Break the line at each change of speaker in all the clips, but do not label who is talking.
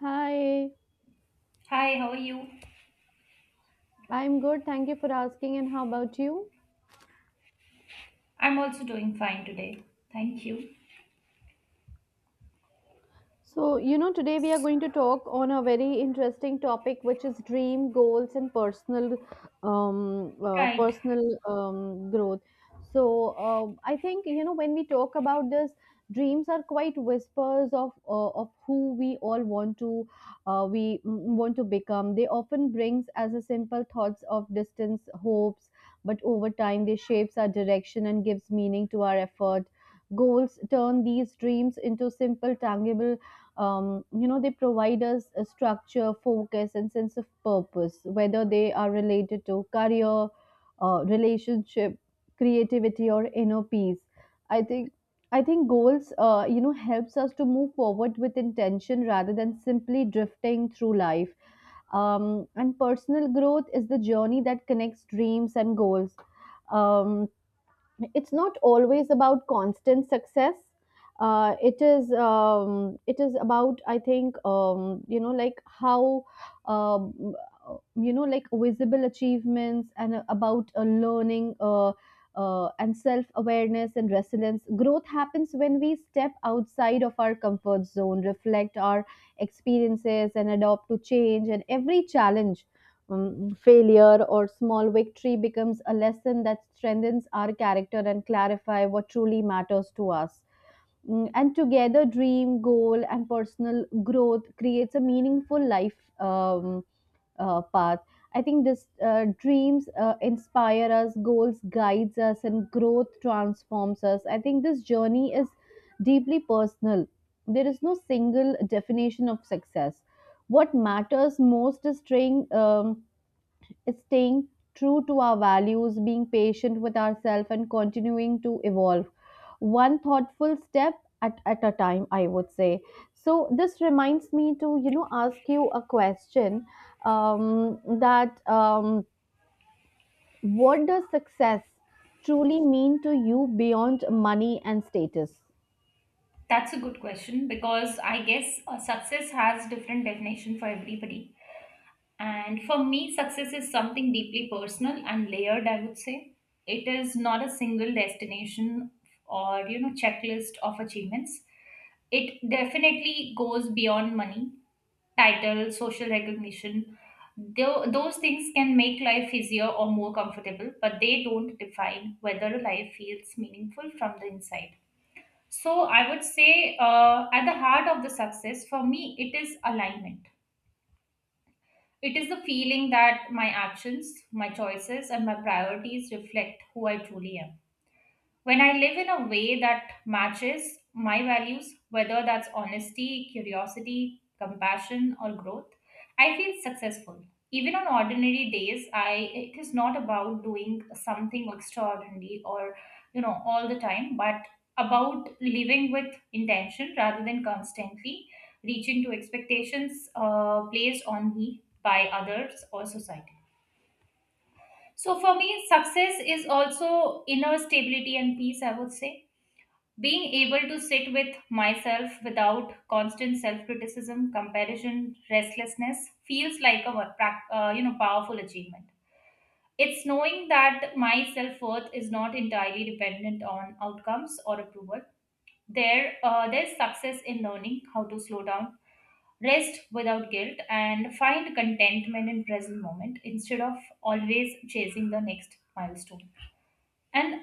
Hi,
Hi, how are you?
I'm good. Thank you for asking. And how about you?
I'm also doing fine today. Thank you.
So, you know, today we are going to talk on a very interesting topic, which is dream goals and personal, um, uh,
Right.
personal um, growth. So I think you know when we talk about this, dreams are quite whispers of who we all want to, uh, we want to become. They often brings as a simple thoughts of distance, hopes, but over time they shapes our direction and gives meaning to our effort. Goals turn these dreams into simple, tangible. You know they provide us a structure focus and sense of purpose whether they are related to career relationship creativity or inner peace i think i think goals you know helps us to move forward with intention rather than simply drifting through life. And personal growth is the journey that connects dreams and goals. um, it's not always about constant success. It is, it is about I think, how, um, visible achievements and about learning, and self awareness and resilience. Growth happens when we step outside of our comfort zone reflect our experiences and adopt to change and every challenge, failure or small victory becomes a lesson that strengthens our character and clarify what truly matters to us. Mm, and together dream goal and personal growth creates a meaningful life, path. I think this. Dreams inspire us goals guides us and growth transforms us. I think this journey is deeply personal. There is no single definition of success. What matters most is staying true to our values, being patient with ourselves, and continuing to evolve one thoughtful step at a time, I would say. So, this reminds me to, you know, ask you a question that what does success truly mean to you beyond money and status?
That's a good question because I guess success has different definition for everybody. And for me, success is something deeply personal and layered, I would say. It is not a single destination or, you know, checklist of achievements. It definitely goes beyond money title, social recognition. Those things can make life easier or more comfortable, but they don't define whether life feels meaningful from the inside. So, I would say at the heart of the success for me, it is alignment. It is the feeling that my actions, my choices, and my priorities reflect who I truly am. When I live in a way that matches my values, whether that's honesty, curiosity, compassion, or growth, I feel successful. Even on ordinary days, I it is not about doing something extraordinary or you know all the time, but about living with intention rather than constantly reaching to expectations placed on me by others or society. So for me, success is also inner stability and peace. I would say being able to sit with myself without constant self-criticism, comparison, restlessness feels like a you know powerful achievement. It's knowing that my self-worth is not entirely dependent on outcomes or approval. There's success in learning how to slow down, rest without guilt, and find contentment in present moment instead of always chasing the next milestone. And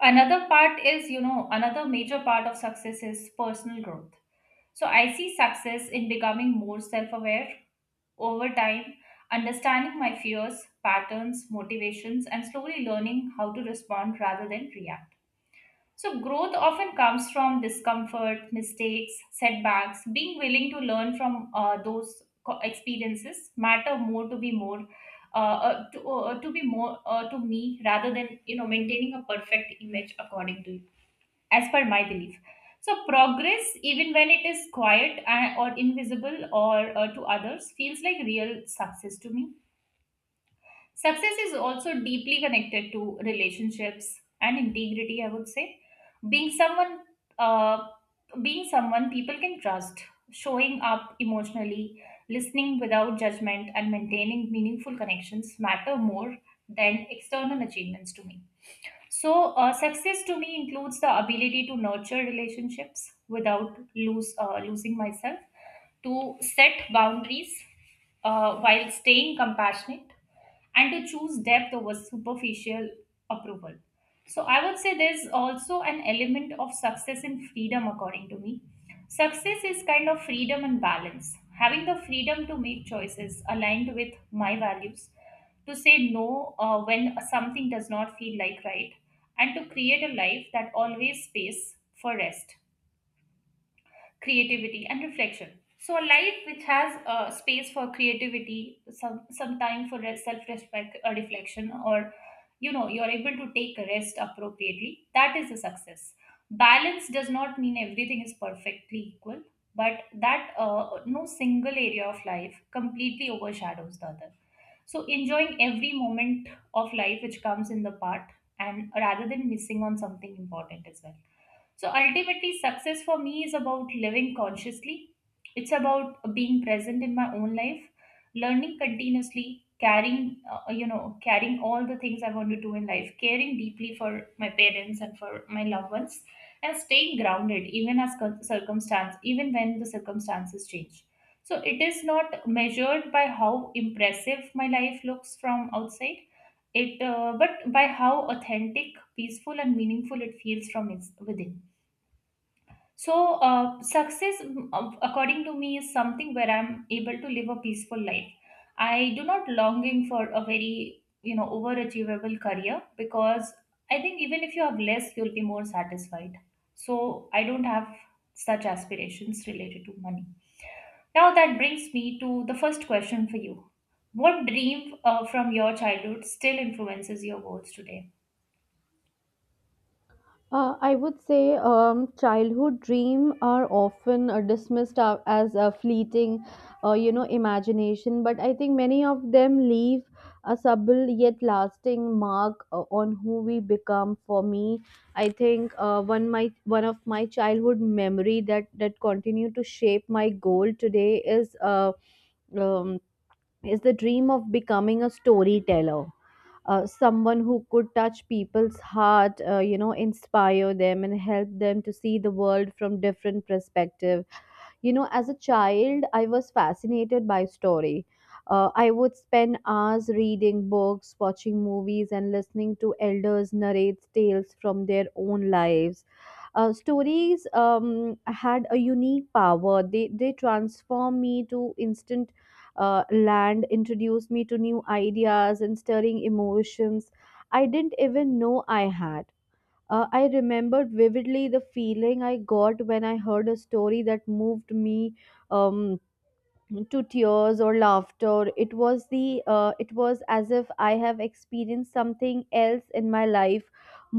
another part is you know another major part of success is personal growth. So I see success in becoming more self-aware over time, understanding my fears, patterns, motivations, and slowly learning how to respond rather than react. So, growth often comes from discomfort, mistakes, setbacks. Being willing to learn from those experiences matter more to be more to be more to me rather than you know maintaining a perfect image according to you, as per my belief. So, progress, even when it is quiet or invisible or to others, feels like real success to me. Success is also deeply connected to relationships and integrity, I would say. Being someone, uh, being someone people can trust, showing up emotionally, listening without judgment, and maintaining meaningful connections matter more than external achievements to me. So, success to me includes the ability to nurture relationships without lose losing myself, to set boundaries while staying compassionate, and to choose depth over superficial approval. So I would say there's also an element of success in freedom, according to me. Success is kind of freedom and balance. Having the freedom to make choices aligned with my values, to say no when something does not feel like right, and to create a life that always space for rest, creativity, and reflection. So a life which has space for creativity, some time for self-respect, reflection, or you know you're able to take a rest appropriately. That is a success. Balance does not mean everything is perfectly equal, but that no single area of life completely overshadows the other. So enjoying every moment of life which comes in the part, and rather than missing on something important as well. So ultimately, success for me is about living consciously. It's about being present in my own life, learning continuously, carrying all the things I want to do in life, caring deeply for my parents and for my loved ones, and staying grounded even as circumstance, even when the circumstances change. So it is not measured by how impressive my life looks from outside, it but by how authentic, peaceful, and meaningful it feels from its within. So, success, according to me, is something where I'm able to live a peaceful life. I do not longing for a very, you know, overachievable career because I think even if you have less, you'll be more satisfied. So, I don't have such aspirations related to money. Now, that brings me to the first question for you. What dream from your childhood still influences your goals today?
I would say, childhood dream are often dismissed as a fleeting, you know, imagination. But I think many of them leave a subtle yet lasting mark on who we become. For me, I think one of my childhood memory that continue to shape my goal today is um, is the dream of becoming a storyteller, someone who could touch people's heart, you know, inspire them and help them to see the world from different perspective. You know, as a child, I was fascinated by story. I would spend hours reading books, watching movies, and listening to elders narrate tales from their own lives. Stories had a unique power. They transform me to instant land, introduce me to new ideas, and stirring emotions I didn't even know I had. I remembered vividly the feeling I got when I heard a story that moved me. Um, to tears or laughter, it was the it was as if I have experienced something else in my life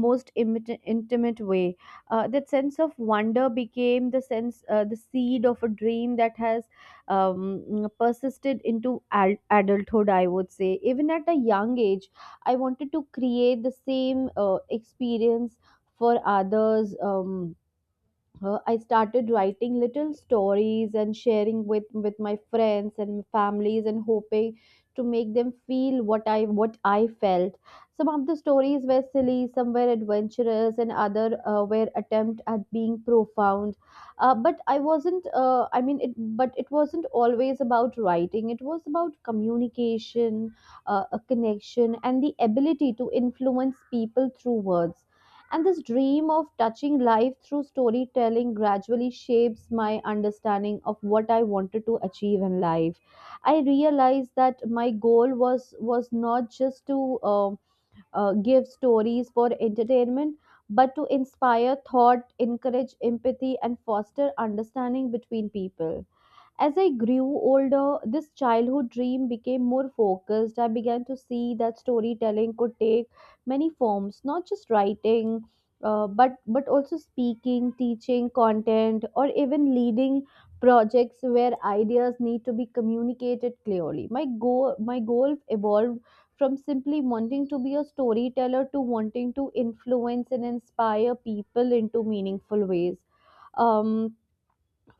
most intimate way. Uh, that sense of wonder became the sense the seed of a dream that has persisted into adulthood, I would say. Even at a young age, I wanted to create the same experience for others. I started writing little stories and sharing with my friends and families and hoping to make them feel what I felt. Some of the stories were silly, some were adventurous, and other were attempt at being profound. But I wasn't. I mean, it. But it wasn't always about writing. It was about communication, a connection, and the ability to influence people through words. And this dream of touching life through storytelling gradually shapes my understanding of what I wanted to achieve in life. I realized that my goal was not just to give stories for entertainment, but to inspire thought, encourage empathy, and foster understanding between people. As I grew older, this childhood dream became more focused. I began to see that storytelling could take many forms, not just writing, but also speaking, teaching content, or even leading projects where ideas need to be communicated clearly. My goal evolved from simply wanting to be a storyteller to wanting to influence and inspire people into meaningful ways. Um,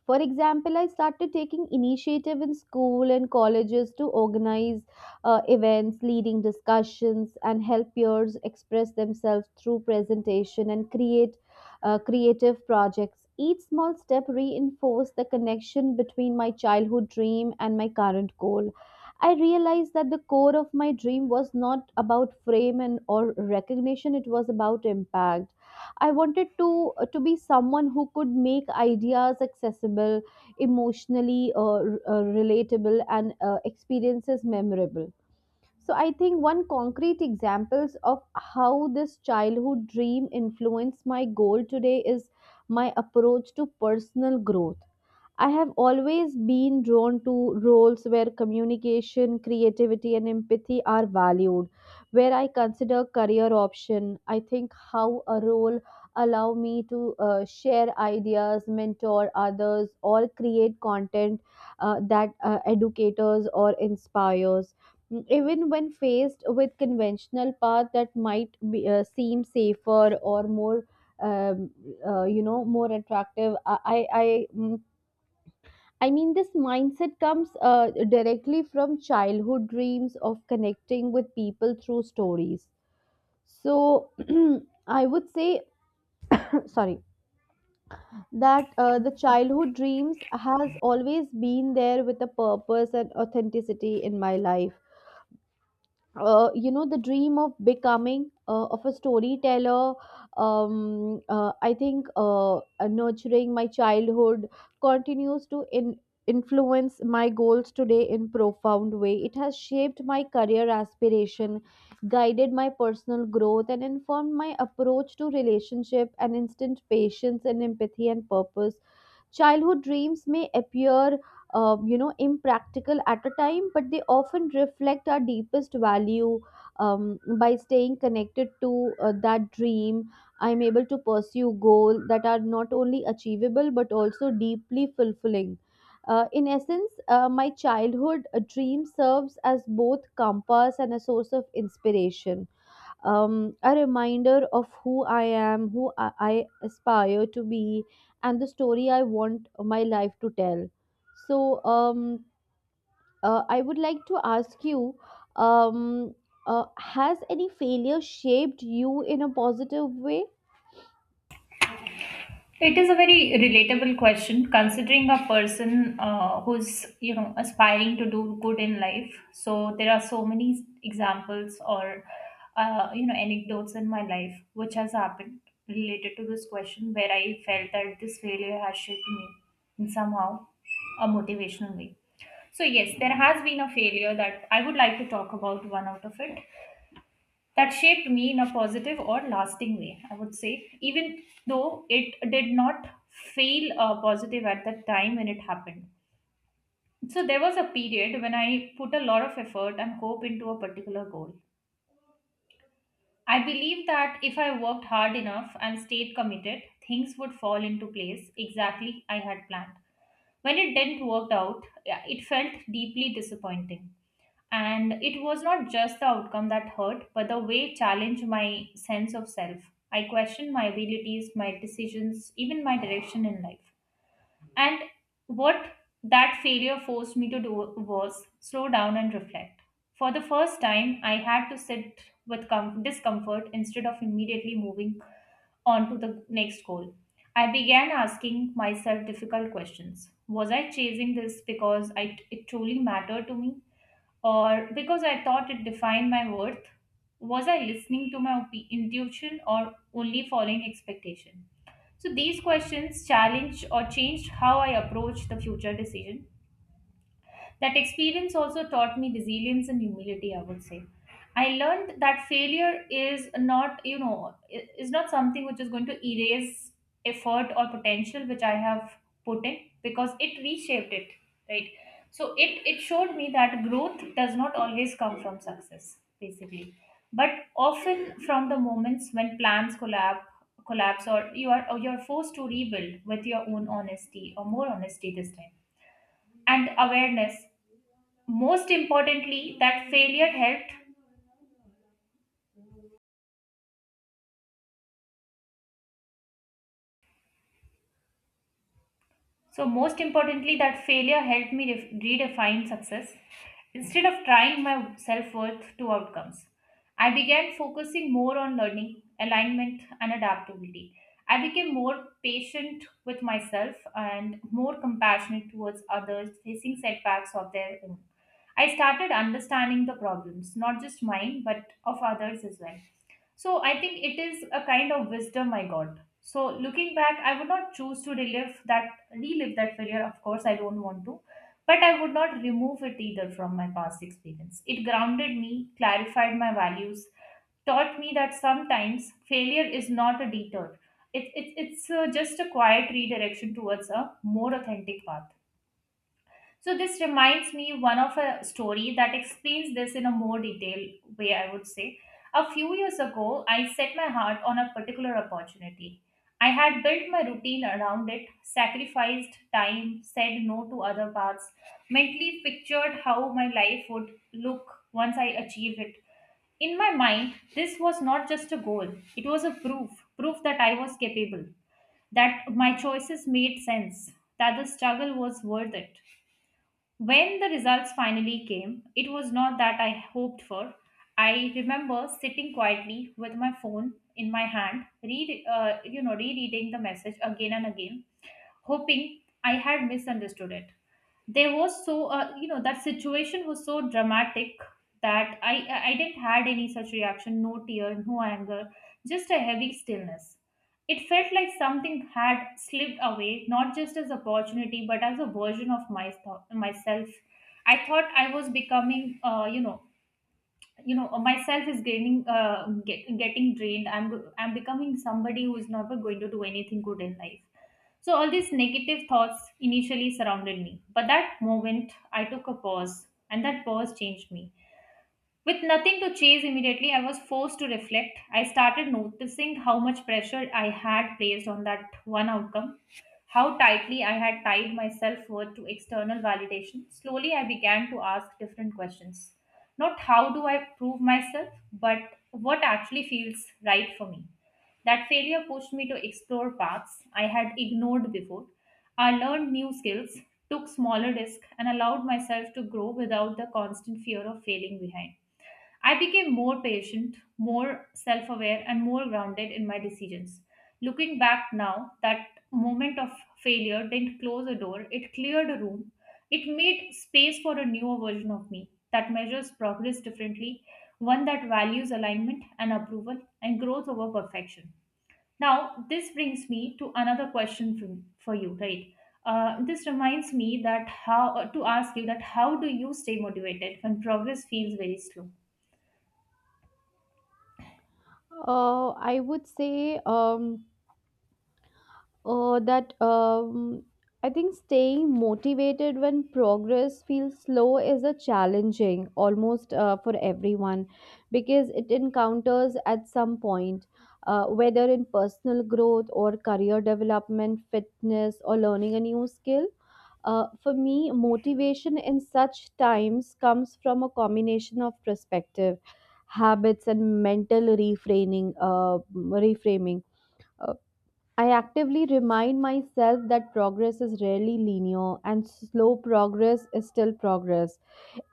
for example, I started taking initiative in school and colleges to organize events, leading discussions, and help peers express themselves through presentation and create creative projects. Each small step reinforced the connection between my childhood dream and my current goal. I realized that the core of my dream was not about fame and or recognition, it was about impact. I wanted to be someone who could make ideas accessible, emotionally relatable, and experiences memorable. So I think one concrete examples of how this childhood dream influenced my goal today is my approach to personal growth. I have always been drawn to roles where communication, creativity, and empathy are valued. Where I consider career option, I think how a role allow me to share ideas, mentor others, or create content that educators or inspires. Mm, even when faced with conventional path that might be, seem safer or more um, you know, more attractive, I mm, I mean, this mindset comes directly from childhood dreams of connecting with people through stories. So, I would say, sorry, that the childhood dreams has always been there with a purpose and authenticity in my life. Uh, you know the dream of becoming of a storyteller, I think nurturing my childhood continues to influence my goals today in profound way. It has shaped my career aspiration guided my personal growth and informed my approach to relationship and instant patience and empathy and purpose. Childhood dreams may appear, you know, impractical at a time but they often reflect our deepest value. By staying connected to that dream I'm able to pursue goals that are not only achievable but also deeply fulfilling. In essence, my childhood dream serves as both compass and a source of inspiration, a reminder of who I am, who I aspire to be, and the story I want my life to tell. So, I would like to ask you um, has any failure shaped you in a positive way?
It is a very relatable question considering a person who's you know aspiring to do good in life. So there are so many examples or you know anecdotes in my life which has happened related to this question where I felt that this failure has shaped me in somehow a motivational way. So yes, there has been a failure that I would like to talk about one out of it that shaped me in a positive or lasting way, I would say, even though it did not feel positive at that time when it happened. So there was a period when I put a lot of effort and hope into a particular goal. I believe that if I worked hard enough and stayed committed, things would fall into place exactly I had planned. When it didn't work out, yeah, it felt deeply disappointing. And it was not just the outcome that hurt, but the way it challenged my sense of self. I questioned my abilities, my decisions, even my direction in life. And what that failure forced me to do was slow down and reflect. For the first time, I had to sit with discomfort instead of immediately moving on to the next goal. I began asking myself difficult questions. Was I chasing this because I, it truly mattered to me, or because I thought it defined my worth? Was I listening to my intuition or only following expectation? So these questions challenged or changed how I approach the future decision. That experience also taught me resilience and humility, I would say. I learned that failure is not, you know, is not something which is going to erase effort or potential which I have put in because it reshaped it, right? So it showed me that growth does not always come from success, basically, but often from the moments when plans collapse, or you are or you're forced to rebuild with your own honesty or more honesty this time and awareness most importantly, that failure helped So, most importantly, that failure helped me redefine success. Instead of trying my self worth to outcomes, I began focusing more on learning, alignment, and adaptability. I became more patient with myself and more compassionate towards others facing setbacks of their own. I started understanding the problems, not just mine, but of others as well. So I think it is a kind of wisdom I got. So looking back, I would not choose to relive that failure. Of course I don't want to, but I would not remove it either from my past experience. It grounded me, clarified my values, taught me that sometimes failure is not a detour, it's just a quiet redirection towards a more authentic path. So this reminds me one of a story that explains this in a more detailed way, I would say. A few years ago, I set my heart on a particular opportunity. I had built my routine around it, sacrificed time, said no to other paths, mentally pictured how my life would look once I achieved it. In my mind, this was not just a goal, it was a proof that I was capable, that my choices made sense, that the struggle was worth it. When the results finally came, it was not that I hoped for. I remember sitting quietly with my phone in my hand, rereading the message again and again, hoping I had misunderstood it. There was that situation was so dramatic that I didn't had any such reaction, no tear, no anger, just a heavy stillness. It felt like something had slipped away, not just as opportunity, but as a version of my, myself. I thought I was becoming, myself is getting getting drained. I'm becoming somebody who is never going to do anything good in life. So all these negative thoughts initially surrounded me, but that moment I took a pause, and that pause changed me. With nothing to chase immediately, I was forced to reflect. I started noticing how much pressure I had placed on that one outcome, how tightly I had tied my self worth to external validation. Slowly, I began to ask different questions. Not how do I prove myself, but what actually feels right for me. That failure pushed me to explore paths I had ignored before. I learned new skills, took smaller risks, and allowed myself to grow without the constant fear of failing behind. I became more patient, more self aware, and more grounded in my decisions. Looking back now, that moment of failure didn't close a door, it cleared a room. It made space for a newer version of me that measures progress differently, one that values alignment and approval and growth over perfection. Now, this brings me to another question for you, right? This reminds me that how to ask you that how do you stay motivated when progress feels very slow?
I would say. That I think staying motivated when progress feels slow is a challenging almost for everyone because it encounters at some point, whether in personal growth or career development, fitness, or learning a new skill. For me, motivation in such times comes from a combination of perspective, habits, and mental reframing. Uh, I actively remind myself that progress is rarely linear and slow progress is still progress,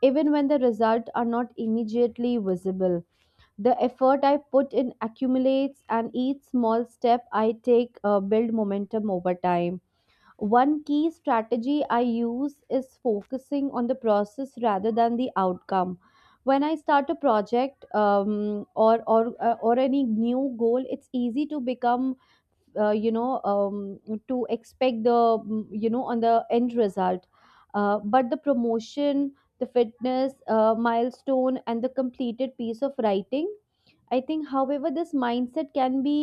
even when the results are not immediately visible. The effort I put in accumulates, and each small step I take build momentum over time. One key strategy I use is focusing on the process rather than the outcome. When I start a project, or any new goal, it's easy to become, you know, to expect the, on the end result, but the promotion the fitness milestone and the completed piece of writing. I think however this mindset can be,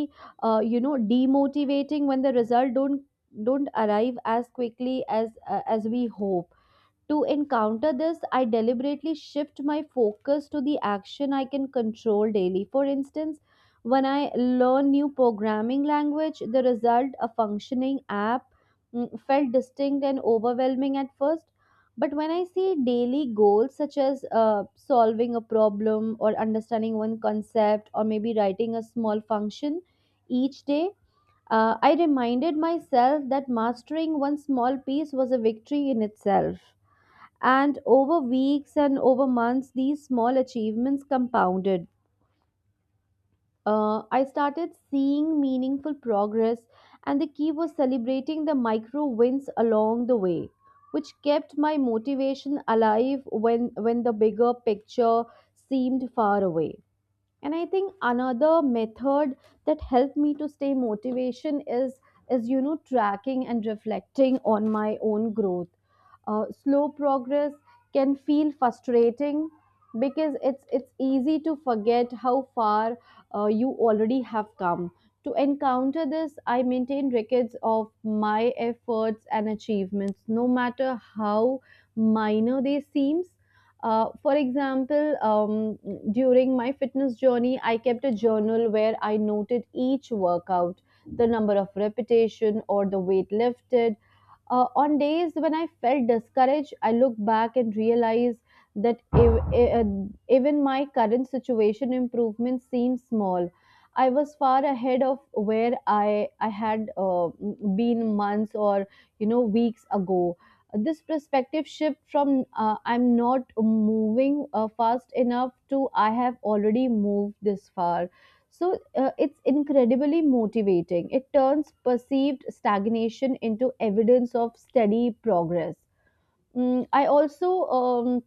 you know, demotivating when the result don't arrive as quickly as we hope. To encounter this, I deliberately shift my focus to the action I can control daily. For instance, when I learn new programming language, the result, a functioning app, mm, felt distinct and overwhelming at first. But when I see daily goals such as solving a problem or understanding one concept or maybe writing a small function each day, I reminded myself that mastering one small piece was a victory in itself. And over weeks and over months, these small achievements compounded. I started seeing meaningful progress, and the key was celebrating the micro wins along the way, which kept my motivation alive when the bigger picture seemed far away. And I think another method that helped me to stay motivation is tracking and reflecting on my own growth. Slow progress can feel frustrating because it's easy to forget how far you already have come. To encounter this, I maintain records of my efforts and achievements no matter how minor they seem. For example, during my fitness journey, I kept a journal where I noted each workout, the number of repetition or the weight lifted. On days when I felt discouraged, I look back and realize that even my current situation improvement seems small. I was far ahead of where I had been months or weeks ago. This perspective shift from I'm not moving fast enough to I have already moved this far, so it's incredibly motivating. It turns perceived stagnation into evidence of steady progress. I also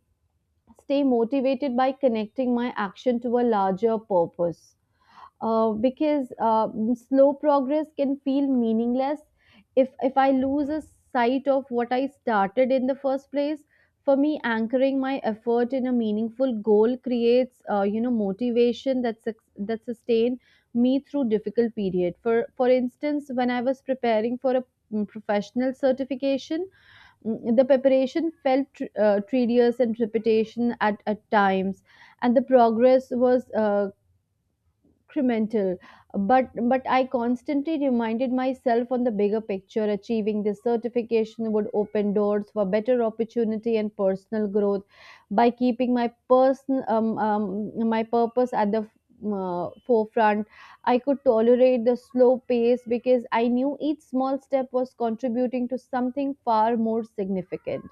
stay motivated by connecting my action to a larger purpose, because slow progress can feel meaningless if I lose a sight of what I started in the first place. For me, anchoring my effort in a meaningful goal creates motivation that sustain me through difficult period. For instance, when I was preparing for a professional certification, the preparation felt tedious and repetition at times, and the progress was incremental, but I constantly reminded myself on the bigger picture. Achieving this certification would open doors for better opportunity and personal growth. By keeping my person my purpose at the forefront, I could tolerate the slow pace because I knew each small step was contributing to something far more significant.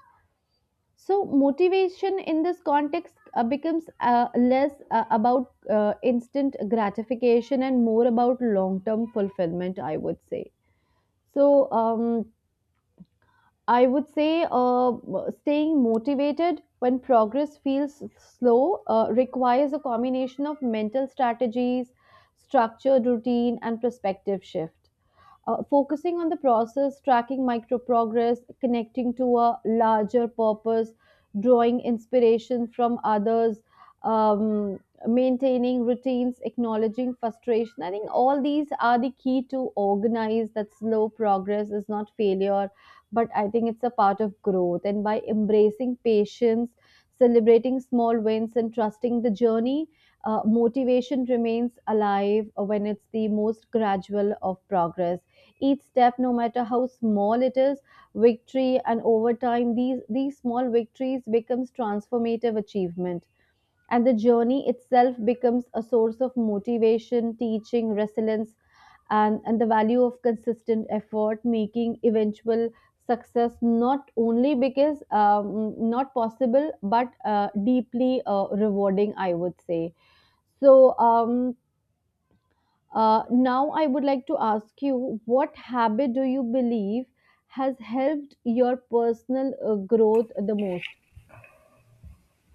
So, motivation in this context becomes less about instant gratification and more about long term fulfillment, I would say. So, I would say staying motivated when progress feels slow requires a combination of mental strategies, structured routine, and perspective shift. Focusing on the process, tracking micro progress, connecting to a larger purpose, drawing inspiration from others, um, maintaining routines, acknowledging frustration. I think all these are the key to organize that slow progress is not failure, but I think it's a part of growth. And by embracing patience, celebrating small wins, and trusting the journey, motivation remains alive when it's the most gradual of progress. Each step, no matter how small it is, victory, and over time these small victories becomes transformative achievement, and the journey itself becomes a source of motivation, teaching resilience and the value of consistent effort, making eventual success not only because not possible but deeply rewarding, I would say. So now, I would like to ask you, what habit do you believe has helped your personal growth the most?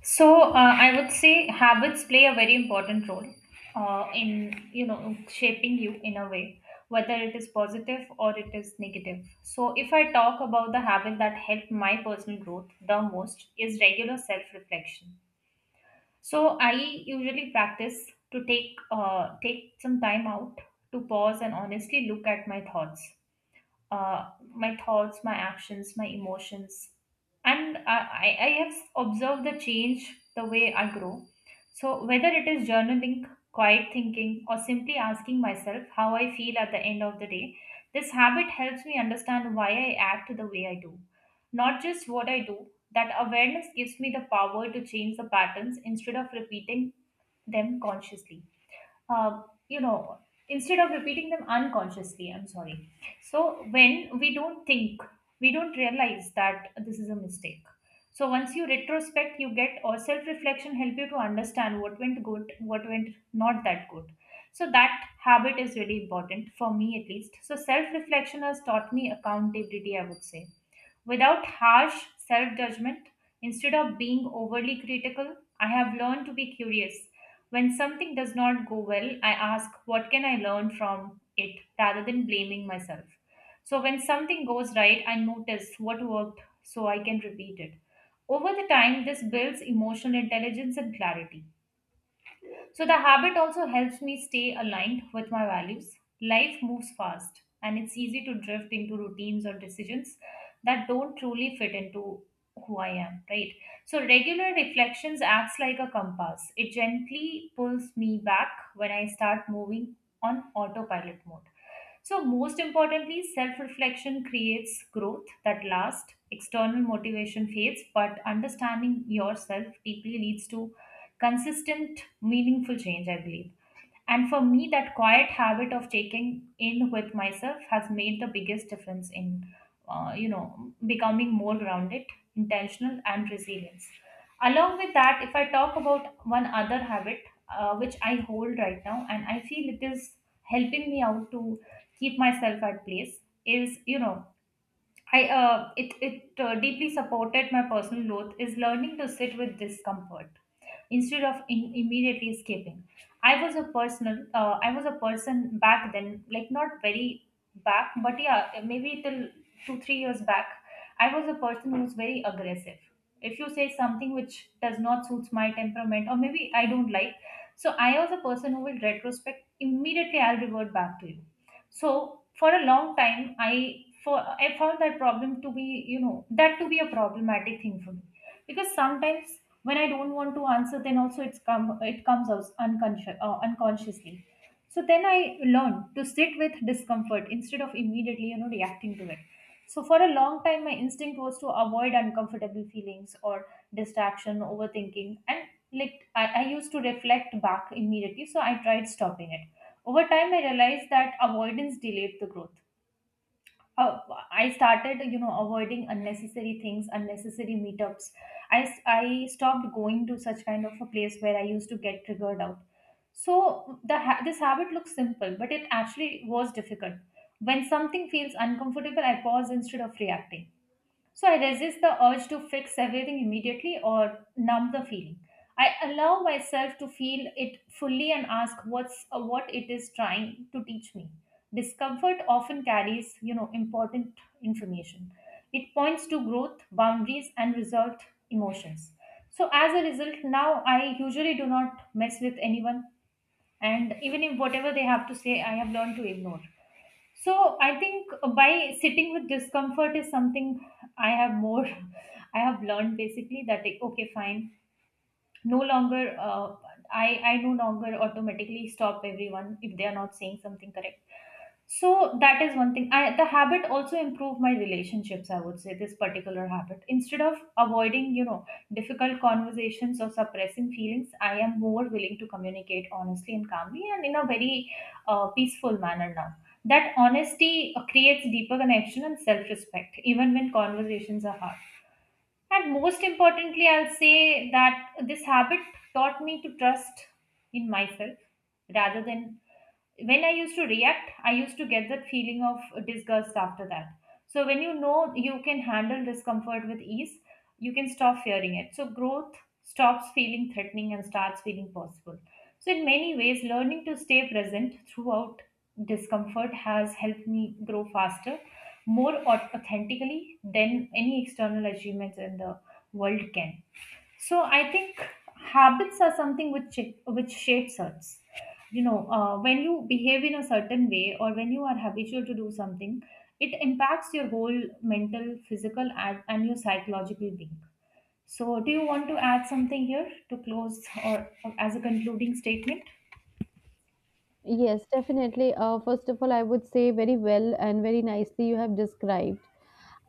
So I would say habits play a very important role in you know shaping you in a way, whether it is positive or it is negative. So if I talk about the habit that helped my personal growth the most is regular self-reflection. So I usually practice to take some time out to pause and honestly look at my thoughts my actions, my emotions. And I have observed the change the way I grow. So, whether it is journaling, quiet thinking, or simply asking myself how I feel at the end of the day, this habit helps me understand why I act the way I do, not just what I do. That awareness gives me the power to change the patterns them consciously uh, you know, instead of repeating them unconsciously, I'm sorry. So when we don't think, we don't realize that this is a mistake. So once you retrospect, you get or self-reflection help you to understand what went good, what went not that good. So that habit is really important for me at least. So self-reflection has taught me accountability, I would say without harsh self judgment. Instead of being overly critical, I have learned to be curious when something does not go well, I ask, what can I learn from it rather than blaming myself? So when something goes right, I notice what worked so I can repeat it. Over the time, this builds emotional intelligence and clarity. So the habit also helps me stay aligned with my values. Life moves fast, and it's easy to drift into routines or decisions that don't truly fit into who I am, right? So regular reflections acts like a compass. It gently pulls me back when I start moving on autopilot mode. So, most importantly, self reflection creates growth that lasts, external motivation fades, but understanding yourself deeply leads to consistent, meaningful change, I believe. And for me, that quiet habit of checking in with myself has made the biggest difference in, becoming more grounded, intentional, and resilience. Along with that, if I talk about one other habit which I hold right now, and I feel it is helping me out to keep myself at place, is you know I it it deeply supported my personal growth is learning to sit with discomfort instead of immediately escaping. I was a person back then, like not very back, but yeah, maybe till 2-3 years back. I was a person who's very aggressive. If you say something which does not suits my temperament, or maybe I don't like, so I was a person who will retrospect immediately. I'll revert back to you. So for a long time, I found that problem to be, you know, that to be a problematic thing for me, because sometimes when I don't want to answer, then also it comes out unconsciously. So then I learned to sit with discomfort instead of immediately, you know, reacting to it. So for a long time my instinct was to avoid uncomfortable feelings or distraction overthinking, and like I used to reflect back immediately, so I tried stopping it. Over time I realized that avoidance delayed the growth. Uh, I started, you know, avoiding unnecessary things, unnecessary meetups. I stopped going to such kind of a place where I used to get triggered out. So the this habit looks simple, but it actually was difficult. When something feels uncomfortable, I pause instead of reacting. So I resist the urge to fix everything immediately or numb the feeling. I allow myself to feel it fully and ask what it is trying to teach me. Discomfort often carries, you know, important information. It points to growth, boundaries, and resolved emotions. So as a result, now I usually do not mess with anyone, and even if whatever they have to say, I have learned to ignore. So I think by sitting with discomfort is something I have more I have learned basically that like okay fine no longer I no longer automatically stop everyone if they are not saying something correct. So that is one thing, I the habit also improved my relationships, I would say. This particular habit, instead of avoiding, you know, difficult conversations or suppressing feelings, I am more willing to communicate honestly and calmly and in a very peaceful manner now. That honesty creates deeper connection and self-respect even when conversations are hard. And most importantly, I'll say that this habit taught me to trust in myself rather than when I used to react, I used to get that feeling of disgust after that. So when you know you can handle discomfort with ease, you can stop fearing it. So growth stops feeling threatening and starts feeling possible. So in many ways, learning to stay present throughout discomfort has helped me grow faster, more authentically than any external achievements in the world can. So I think habits are something which shapes us, you know, when you behave in a certain way or when you are habitual to do something, it impacts your whole mental physical and your psychological being. So do you want to add something here to close or as a concluding statement?
Yes, definitely. First of all, I would say very well and very nicely you have described.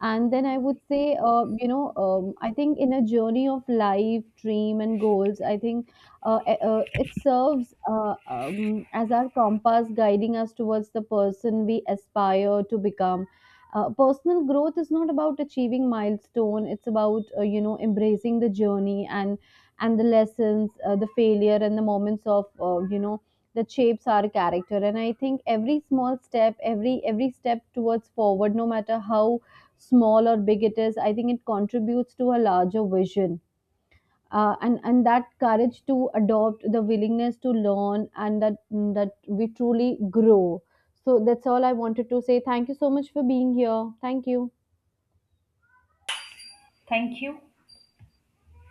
And then I would say, I think in a journey of life, dream, and goals, I think it serves as our compass guiding us towards the person we aspire to become. Personal growth is not about achieving milestone. It's about embracing the journey and the lessons, the failure, and the moments of that shapes our character. And I think every small step, every step towards forward, no matter how small or big it is, I think it contributes to a larger vision. And that courage to adopt, the willingness to learn, and that we truly grow. So that's all I wanted to say. Thank you so much for being here. Thank you.
Thank you.